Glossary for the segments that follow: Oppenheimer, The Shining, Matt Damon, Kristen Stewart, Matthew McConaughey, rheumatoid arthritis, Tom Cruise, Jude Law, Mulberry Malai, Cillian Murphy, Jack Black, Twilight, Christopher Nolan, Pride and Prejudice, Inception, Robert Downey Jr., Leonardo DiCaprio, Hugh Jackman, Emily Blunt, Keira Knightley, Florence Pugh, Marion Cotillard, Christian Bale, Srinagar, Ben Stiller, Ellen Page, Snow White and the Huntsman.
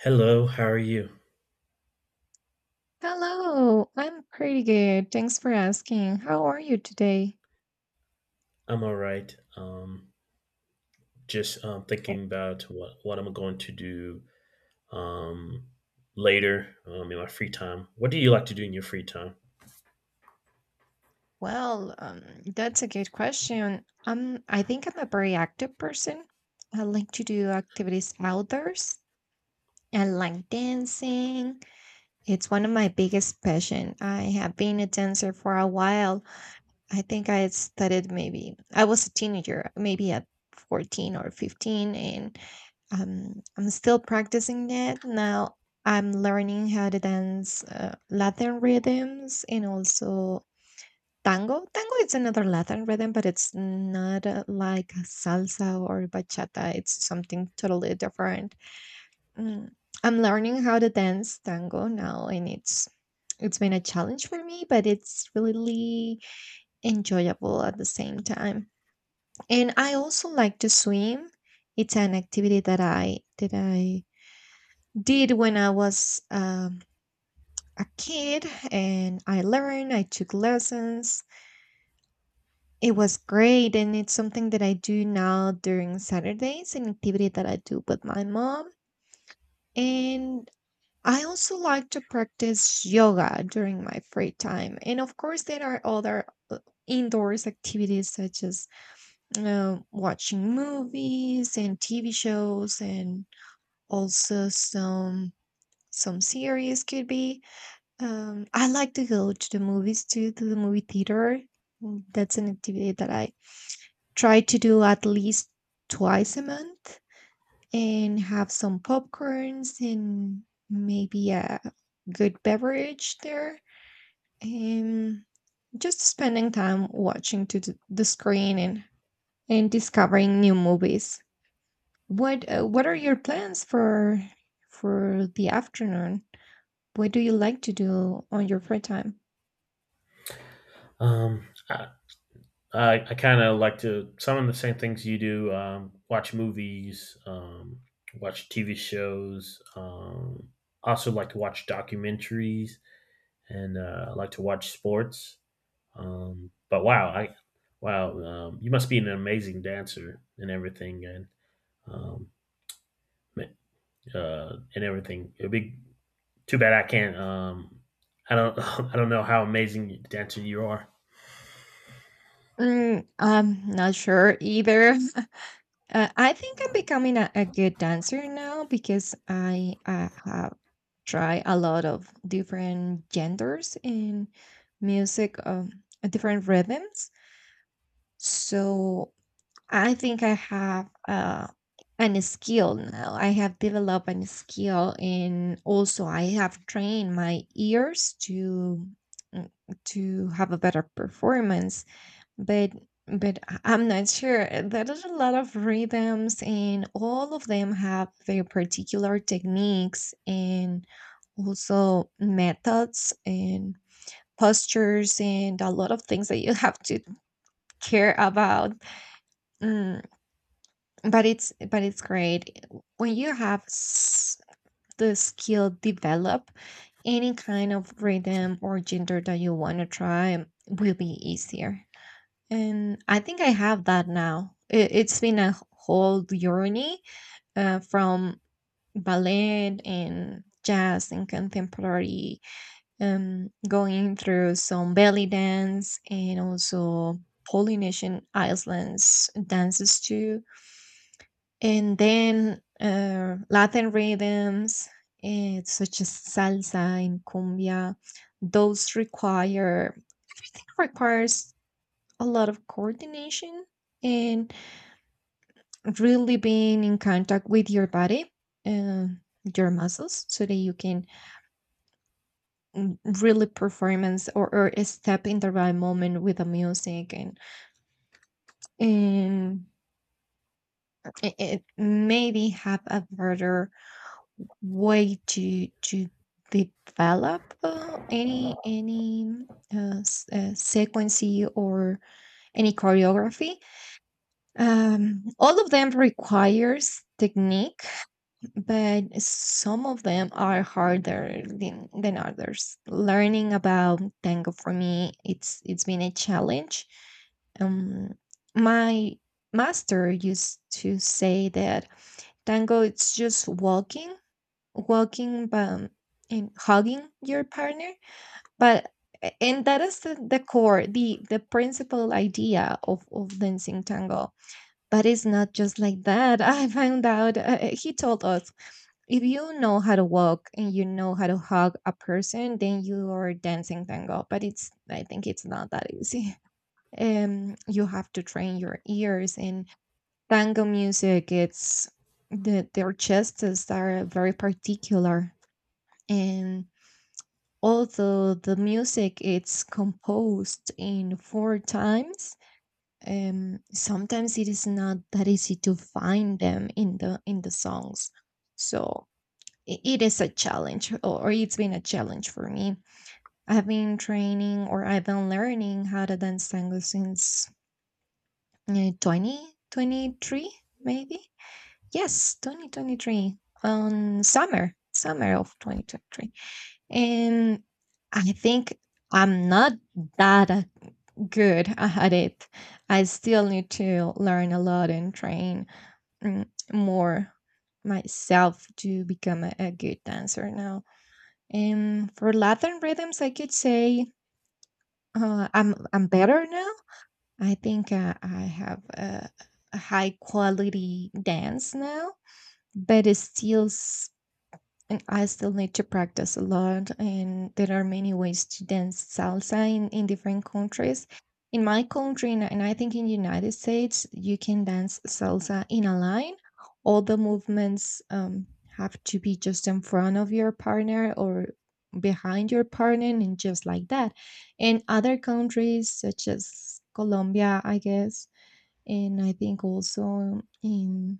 Hello, how are you? Hello, I'm pretty good. Thanks for asking. How are you today? I'm all right. Just Eh, thinking about what I'm going to do um, later in my free time. What do you like to do in your free time? Well, that's a good question. I think I'm a very active person. I like to do activities outdoors. I like dancing. It's one of my biggest passion. I have been a dancer for a while. I think I started, maybe I was a teenager, maybe at 14 or 15, and I'm still practicing that now. I'm learning how to dance Latin rhythms and also tango. Tango is another Latin rhythm, but it's not like salsa or bachata. It's something totally different. Mm, I'm learning how to dance tango now, and it's been a challenge for me, but it's really enjoyable at the same time. And I also like to swim. It's an activity that I did when I was a kid, and I learned. I took lessons. It was great, and it's something that I do now during Saturdays. An activity that I do with my mom, and I also like to practice yoga during my free time. And of course, there are other uh, indoors activities such as watching movies and TV shows, and also some series could be. I like to go to the movies too, to the movie theater. That's an activity that I try to do at least twice a month, and have some popcorns and maybe a good beverage there. And just spending time watching to the screen, and discovering new movies. What are your plans for the afternoon? What do you like to do on your free time? Um, I I kind of like to some of the same things you do. Watch movies, watch TV shows. Also like to watch documentaries, and I like to watch sports. But wow, I wow, You must be an amazing dancer and everything, um, and everything. It'd be too bad I can't. I don't I don't know how amazing dancer you are. I'm not sure either. I think I'm becoming a good dancer now, because I have tried a lot of different genders in music, different rhythms. So I think I have an skill now. I have developed an skill, and also I have trained my ears mm, to have a better performance. But but I'm not sure. There's a lot of rhythms, and all of them have their particular techniques and also methods and postures and a lot of things that you have to care about. Mm, but it's great. When you have the skill develop, any kind of rhythm or gender that you want to try will be easier. And I think I have that now. It's been a whole journey, from ballet and jazz and contemporary, going through some belly dance and also Polynesian islands dances too, and then Latin rhythms, such as salsa and cumbia. Those requires a lot of coordination and really being in contact with your body, uh, your muscles, so that you can really performance, or step in the right moment with the music, and it maybe have a better way to develop any sequence or any choreography. All of them requires technique, but some of them are harder than others. Learning about tango for me, it's been a challenge. Um, my master used to say that tango it's just walking and hugging your partner, but and that is the core, the principal idea of dancing tango, but it's not just like that. I found out, he told us, if you know how to walk and you know how to hug a person, then you are dancing tango. But it's, I think, it's not that easy. You have to train your ears, and tango music, it's, their chests are very particular. And although the music is composed in four times, sometimes it is not that easy to find them in the songs. So it is a challenge, or it's been a challenge for me. I've been training, or I've been learning how to dance tango since uh, 2023, maybe. Yes, 2023. On summer of 2023. And I think I'm not that good at it. I still need to learn a lot and train more myself to become a good dancer now. And for Latin rhythms, I could say I'm better now. I think I have a high quality dance now, but it's still. And I still need to practice a lot, and there are many ways to dance salsa in different countries. In my country, and I think in United States, you can dance salsa in a line. All the movements have to be just in front of your partner or behind your partner, and just like that. In other countries, such as Colombia, I guess, and I think also in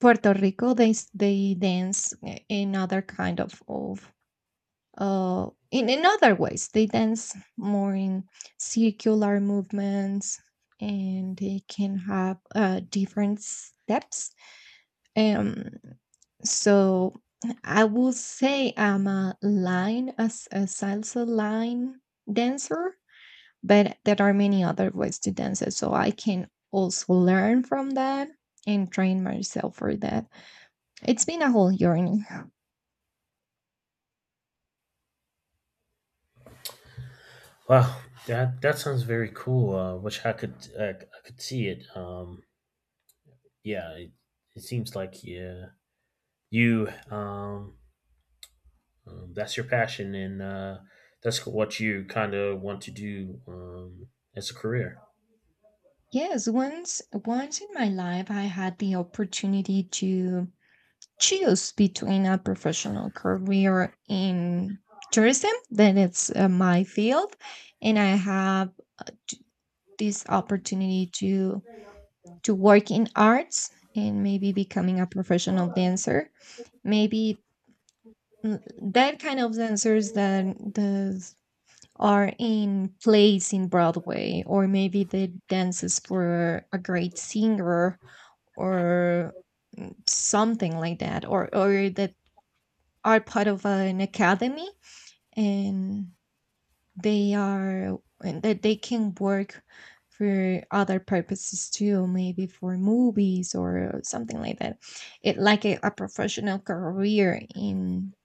Puerto Rico, they they dance in other kind of in other ways. They dance more in circular movements, and they can have different steps. Um, so I will say I'm a line, as a salsa line dancer, but there are many other ways to dance it. So I can also learn from that and train myself for that. It's been a whole journey. Wow, that sounds very cool. Wish I could see it. Yeah, it seems like yeah, you that's your passion and that's what you kind of want to do as a career. Yes, once in my life I had the opportunity to choose between a professional career in tourism, that it's my field, and I have t- this opportunity to work in arts, and maybe becoming a professional dancer. Maybe mm, that kind of dancers that the are in plays in Broadway, or maybe they dances for a great singer, or something like that, or that are part of an academy, and they are, and that they can work for other purposes too, maybe for movies or something like that. It like a professional career in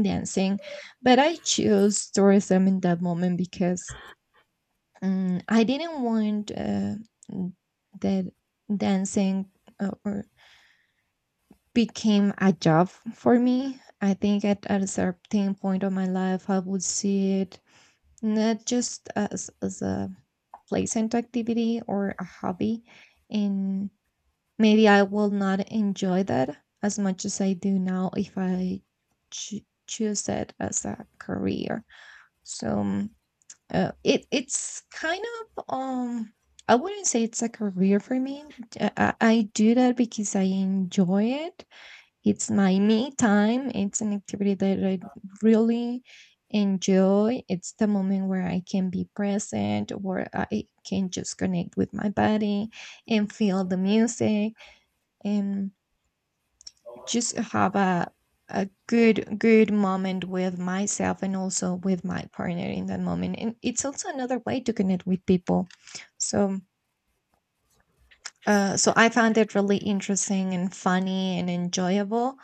dancing, but I chose tourism in that moment, because I didn't want, that dancing, or became a job for me. I think at a certain point of my life, I would see it not just as a pleasant activity or a hobby, and maybe I will not enjoy that as much as I do now if I choo- choose it as a career. So it's kind of, I wouldn't say it's a career for me. I do that because I enjoy it. It's my me time. It's an activity that I really enjoy. It's the moment where I can be present, where I can just connect with my body and feel the music. Just have a good moment with myself and also with my partner in that moment, and it's also another way to connect with people. So uh, so I found it really interesting and funny and enjoyable,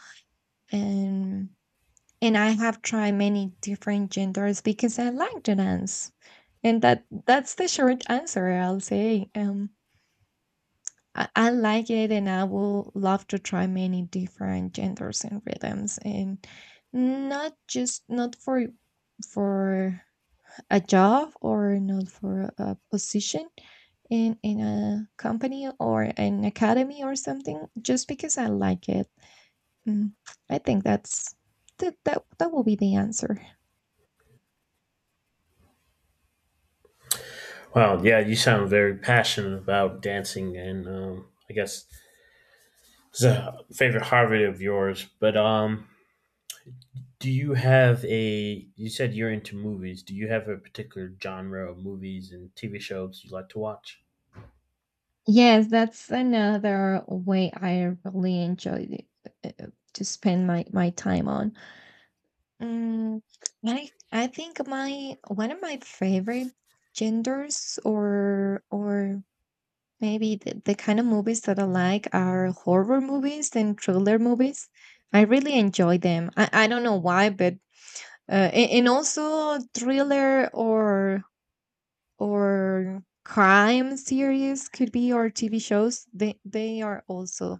and and I have tried many different genders because I like to dance, and that's the short answer I'll say. I like it, and I will love to try many different genders and rhythms, and not just not for a job, or not for a position in a company or an academy or something, just because I like it. Mm, I think that will be the answer. Wow, yeah, you sound very passionate about dancing, and I guess it's a favorite hobby of yours. But do you have a? You said you're into movies. Do you have a particular genre of movies and TV shows you like to watch? Yes, that's another way I really enjoy uh, to spend my time on. Mm, I think my one of my favorite genders or maybe the kind of movies that I like are horror movies and thriller movies. I really enjoy them. I don't know why, but and, also thriller or crime series could be, or TV shows. They are also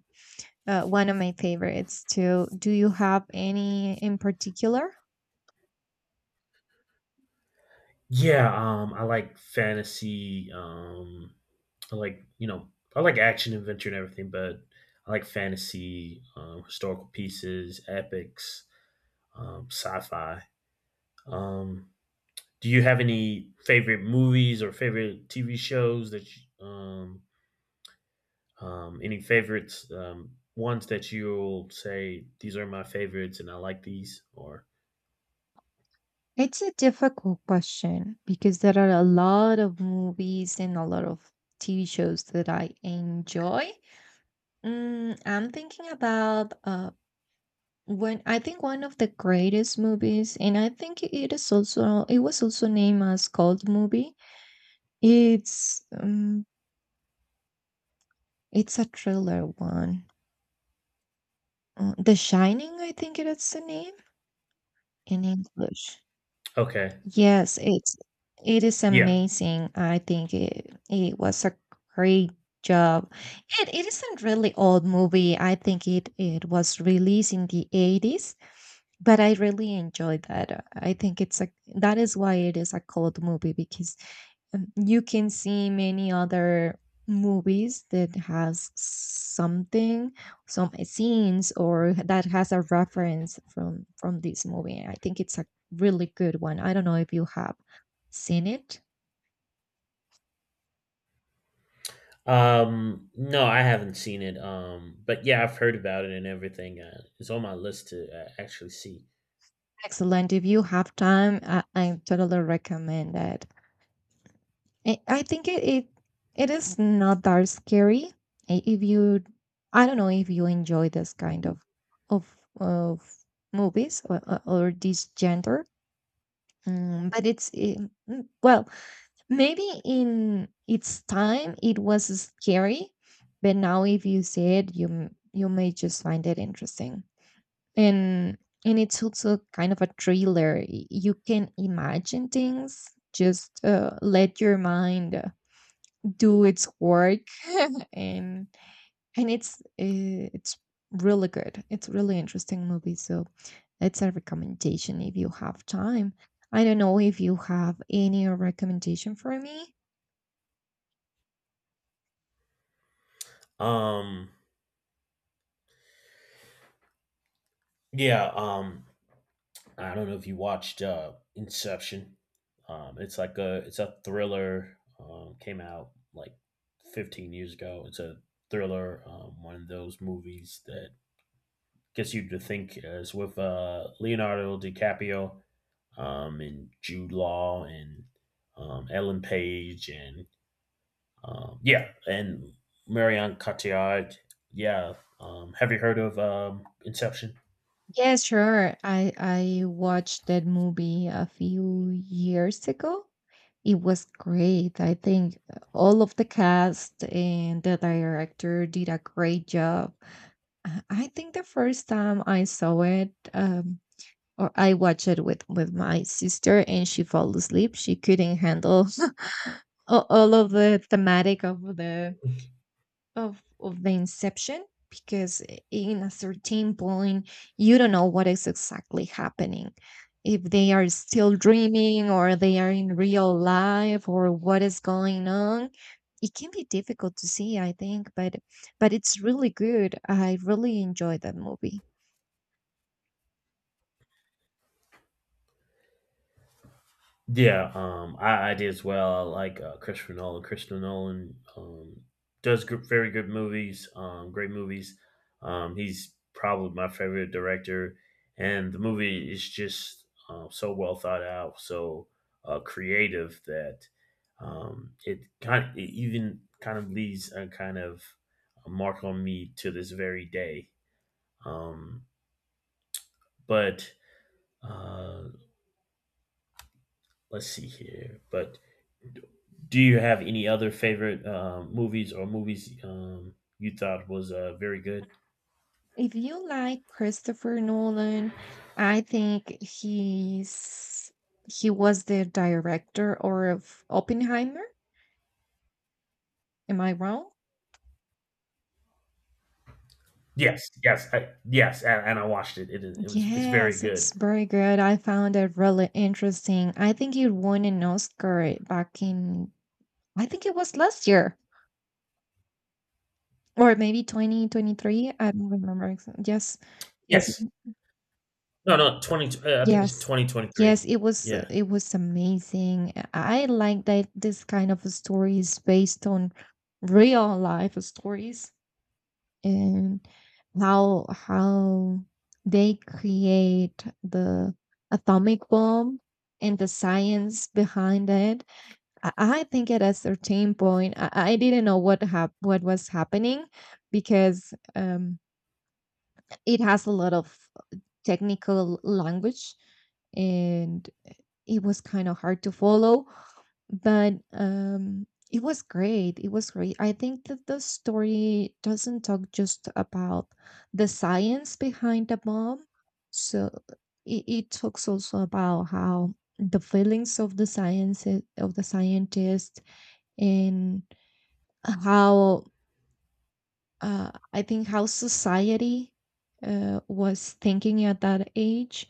one of my favorites too. Do you have any in particular? Yeah, I like fantasy. I like you know, I like action, adventure, and everything, but I like fantasy, historical pieces, epics, sci-fi. Um, do you have any favorite movies or favorite TV shows that any favorites ones that you'll say these are my favorites and I like these or It's a difficult question, because there are a lot of movies and a lot of TV shows that I enjoy. I'm thinking about when I think one of the greatest movies, and I think it was also named as cult movie. It's um it's a thriller one. The Shining, I think it is the name in English. okay, Yes, it is yeah. amazing. I think it was a great job. It isn't really old movie. I think it was released in the 80s, but I really enjoyed that. I think it's a that is why it is a cult movie because you can see many other movies that has something some scenes or that has a reference from this movie. I think it's a really good one. I don't know if you have seen it. No, I haven't seen it, but yeah, I've heard about it and everything. It's on my list to actually see. Excellent, if you have time, I totally recommend it. I think it is not that scary. If you, I don't know if you enjoy this kind of of of movies, or this gender, mm, but it's well, maybe in its time it was scary, but now if you see it, you may just find it interesting. And it's also kind of a thriller. You can imagine things. Just let your mind do its work. And it's really good. It's really interesting movie. So it's a recommendation if you have time. I don't know if you have any recommendation for me. um yeah um I don't know if you watched Inception. It's like a it's a thriller. Came out like 15 years ago. It's a thriller. One of those movies that gets you to think. It's with Leonardo DiCaprio, and Jude Law and Ellen Page and um, yeah and Marion Cotillard. Yeah. Have you heard of Inception? Yeah, sure, I watched that movie a few years ago. It was great. I think all of the cast and the director did a great job. I think the first time I saw it, or I watched it with my sister and she fell asleep. She couldn't handle all of the thematic of the of the inception because in a certain point you don't know what is exactly happening. If they are still dreaming or they are in real life or what is going on. It can be difficult to see, I think, but it's really good. I really enjoyed that movie. Yeah, I did as well. I like Christopher Nolan. Christopher Nolan does gr very good movies, great movies. He's probably my favorite director, and the movie is just so well thought out, so creative that it even kind of leaves a kind of a mark on me to this very day. Um, but uh, let's see here, but do you have any other favorite movies you thought was very good? If you like Christopher Nolan, I think he was the director or of Oppenheimer. Am I wrong? Yes, and I watched it. It was It's very Yes, good. it's very good. I found it really interesting. I think it won an Oscar back in, I think it was last year or maybe 2023. I don't remember. Yes. Yes. Yes, no, no, 20. I think it's Yes. 2023. Yes, Yeah, it was amazing. I like that this kind of story is based on real life stories, and how they create the atomic bomb and the science behind it. I think at a certain point I didn't know what was happening, because it has a lot of technical language and it was kind of hard to follow, but it was great. It was great. I think that the story doesn't talk just about the science behind the bomb. So it talks also about how the feelings of the science of the scientist and how, I think how society was thinking at that age.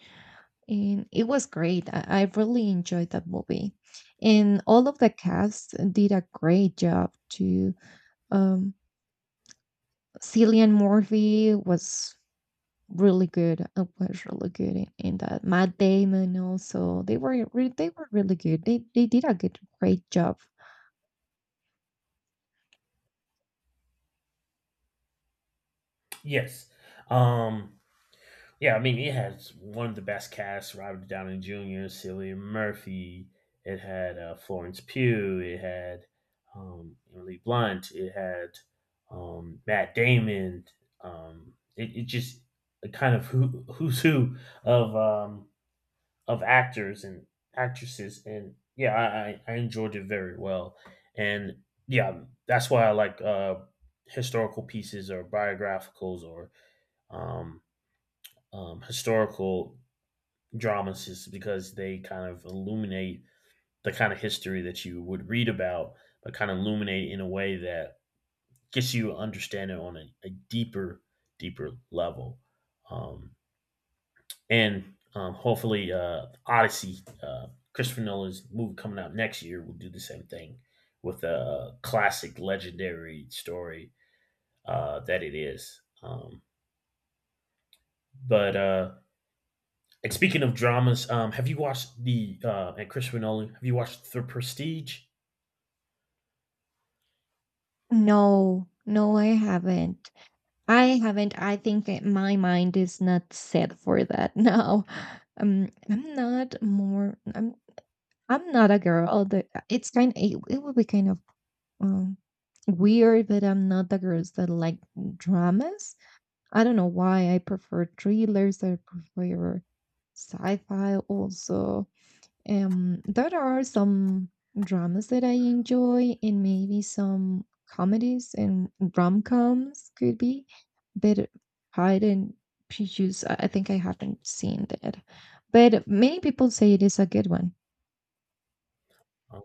And it was great. I really enjoyed that movie, and all of the cast did a great job too. Um, Cillian Murphy was really good. Was really good in that. Matt Damon also. They were really good. They did a good great job. yes. Um, Yeah, I mean, it has one of the best casts: Robert Downey Jr., Cillian Murphy. It had Florence Pugh. It had Emily Blunt. It had Matt Damon. It just a kind of who's who of um, of actors and actresses, and yeah, I enjoyed it very well, and yeah, that's why I like historical pieces or biographicals or um, historical dramatists because they kind of illuminate the kind of history that you would read about, but kind of illuminate in a way that gets you understanding on a deeper, deeper level. Um, and Hopefully, Odyssey, Christopher Nolan's movie coming out next year, will do the same thing with a classic, legendary story that it is. But And speaking of dramas, have you watched the and Christopher Nolan? Have you watched The Prestige? No, no, I haven't. I haven't. I think that my mind is not set for that now. I'm not more. I'm not a girl. Although it, it would be kind of um, weird, but I'm not the girls that like dramas. I don't know why. I prefer thrillers. I prefer sci-fi also. There are some dramas that I enjoy, and maybe some comedies and rom-coms could be. But Pride and Prejudice, I think I haven't seen that. But many people say it is a good one. Um,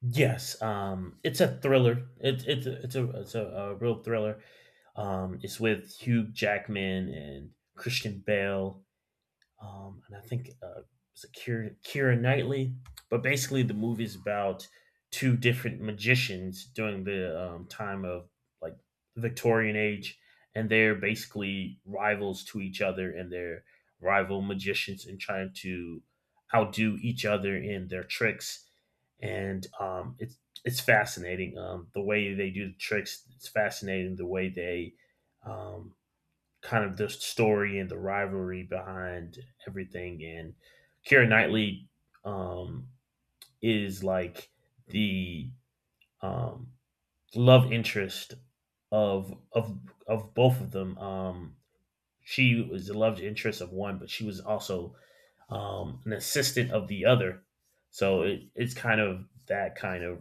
Yes, it's a thriller. It's a a real thriller. It's with Hugh Jackman and Christian Bale, and I think it was a Kira Knightley. But basically, the movie is about two different magicians during the time of like the Victorian age, and they're basically rivals to each other, and they're rival magicians and trying to outdo each other in their tricks. And it's fascinating the way they do the tricks. It's fascinating the way they um, kind of the story and the rivalry behind everything. And Keira Knightley um, is like the um, love interest of of both of them. She was the love interest of one, but she was also an assistant of the other. So it's kind of that kind of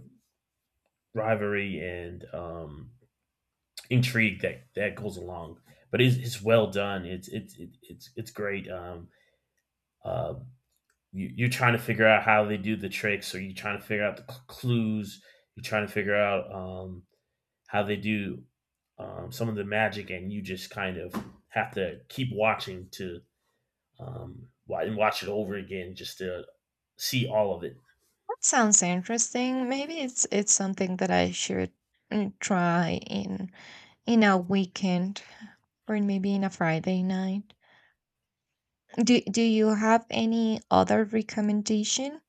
rivalry and intrigue that goes along. But it's well done. It's great. Uh, you, you're trying to figure out how they do the tricks or you're trying to figure out the clues, you're trying to figure out how they do some of the magic and you just kind of have to keep watching to um, and watch it over again just to see all of it. That sounds interesting. Maybe it's something that I should mm, try in a weekend, or in maybe in a Friday night. Do you have any other recommendation?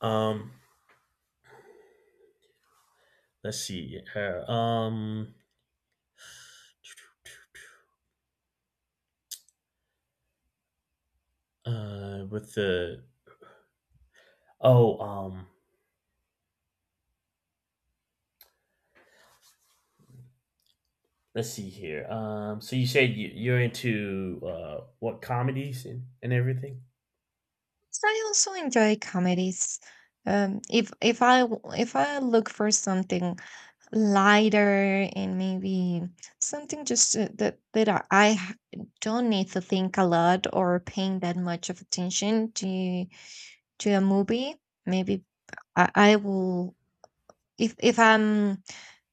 um, let's see here, with the oh let's see here. So you said you're into what comedies and everything. 'Cause I also enjoy comedies. If I look for something lighter, and maybe something just that don't need to think a lot, or paying that much of attention to a movie, maybe I will, if I'm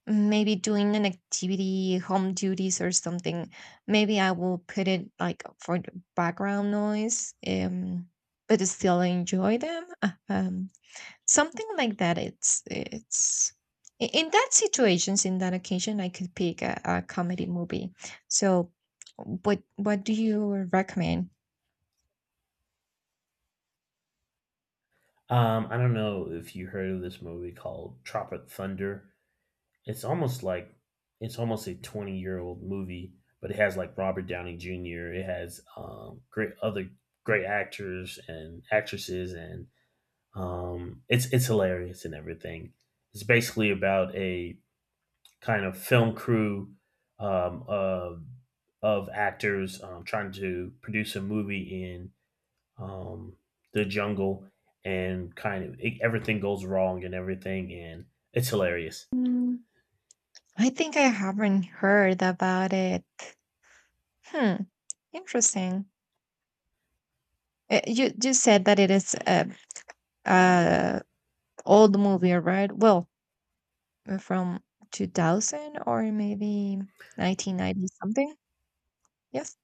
maybe doing an activity, home duties or something, maybe I will put it like for the background noise. But still enjoy them. Something like that. In that situations, in that occasion, I could pick a comedy movie. So, what do you recommend? I don't know if you heard of this movie called Tropic Thunder. It's almost like it's almost a 20-year-old movie, but it has like Robert Downey Jr. It has great actors and actresses, and it's hilarious and everything. It's basically about a kind of film crew um, of of actors trying to produce a movie in um, the jungle, and everything goes wrong and everything, and it's hilarious. Mm, I think I haven't heard about it. Hmm, interesting. You said that it is a old movie, right? Well, from 2000, or maybe 1990 something. Yes.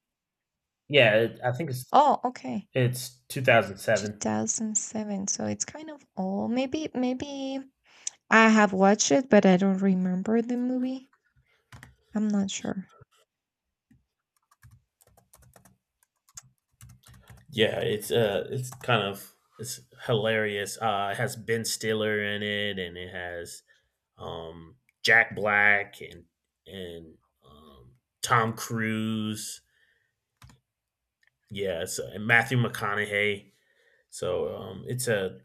Yeah, I think Oh, okay. it's 2007. 2007. So it's kind of old. Maybe I have watched it, but I don't remember the movie. I'm not sure. Yeah, it's kind of it's hilarious. It has Ben Stiller in it, and it has um Jack Black and um, Tom Cruise. Yeah, and Matthew McConaughey. So it's a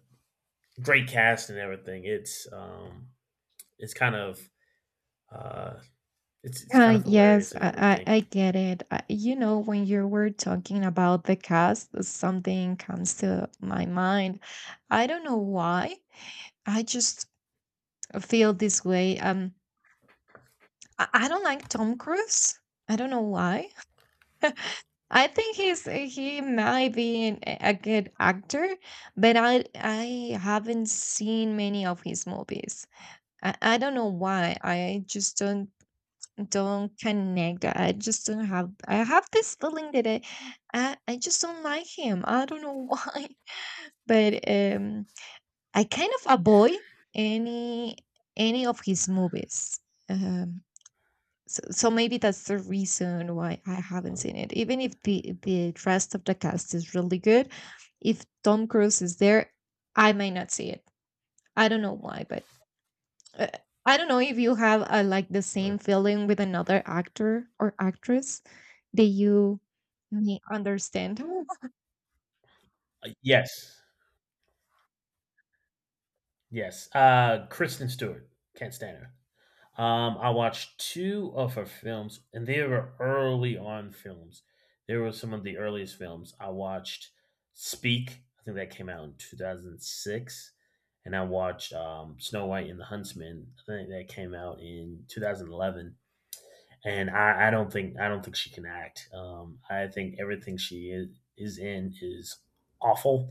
great cast and everything. It's kind of uh, it's kind of Yes, hilarious and everything. I get it. I, you know, when you were talking about the cast, something comes to my mind. I don't know why. I just feel this way. I don't like Tom Cruise. I don't know why. I think he might be a good actor, but I haven't seen many of his movies. I don't know why. I just don't connect. I just don't have. I have this feeling that I just don't like him. I don't know why. But I kind of avoid any of his movies. Um, so, maybe that's the reason why I haven't Uh, seen it. Even if the rest of the cast is really good, if Tom Cruise is there, I may not see it. I don't know why, but uh, I don't know if you have like the uh, same feeling with another actor or actress that you may understand. yes, yes. Kristen Stewart, can't stand her. I watched two of her films, and they were early on films. They were some of the earliest films I watched. Speak, I think that came out in 2006, and I watched Snow White and the Huntsman. I think that came out in 2011. And I don't think she can act. I think everything she is awful.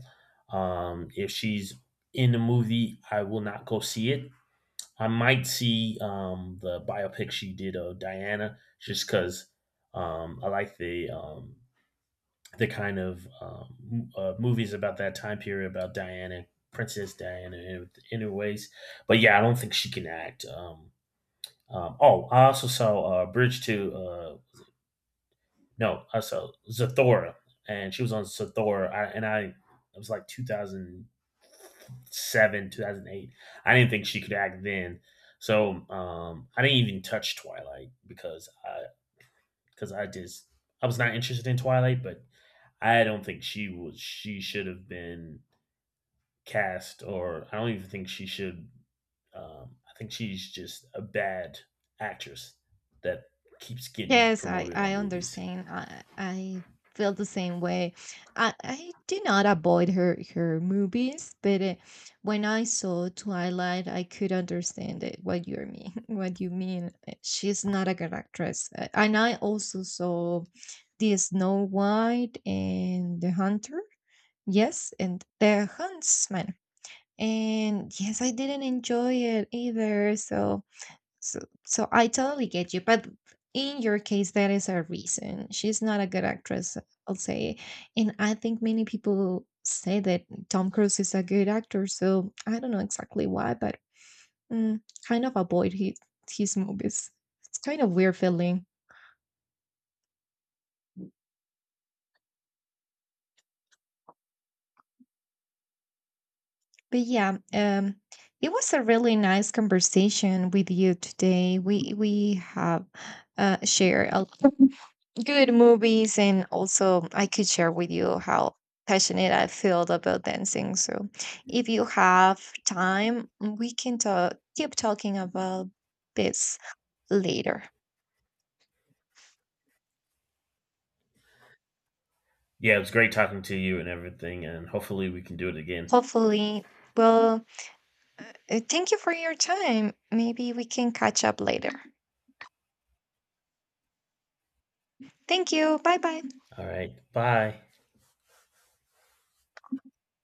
If she's in the movie, I will not go see it. I might see the biopic she did of Diana just because I like the the kind of um, movies about that time period about Diana, Princess Diana, in, anyways. But yeah, I don't think she can act. Oh, I also saw Bridge to no, so Zathora, and she was on Zathora, I, and I it was like 2007, 2008. I didn't think she could act then, so I didn't even touch Twilight because because I just I was not interested in Twilight, but I don't think she should have been cast, or I don't even think she should. I think she's just a bad actress that keeps getting Yes, promoted on I movies. understand. I feel the same way. I do not avoid her movies, but when I saw Twilight, I could understand it. What you mean? What you mean? She's not a good actress. And I also saw the Snow White and the Hunter. Yes, and the Huntsman. And yes, I didn't enjoy it either. So, so I totally get you, but in your case, that is a reason. She's not a good actress, I'll say. And I think many people say that Tom Cruise is a good actor, so I don't know exactly why, but mm, kind of avoid his movies. It's kind of weird feeling. But yeah, it was a really nice conversation with you today. We have shared a good movies, and also I could share with you how passionate I feel about dancing. So if you have time, we can talk keep talking about this later. Yeah, it was great talking to you and everything, and hopefully we can do it again. Hopefully. Well, thank you for your time. Maybe we can catch up later. Thank you. Bye bye. All right. Bye.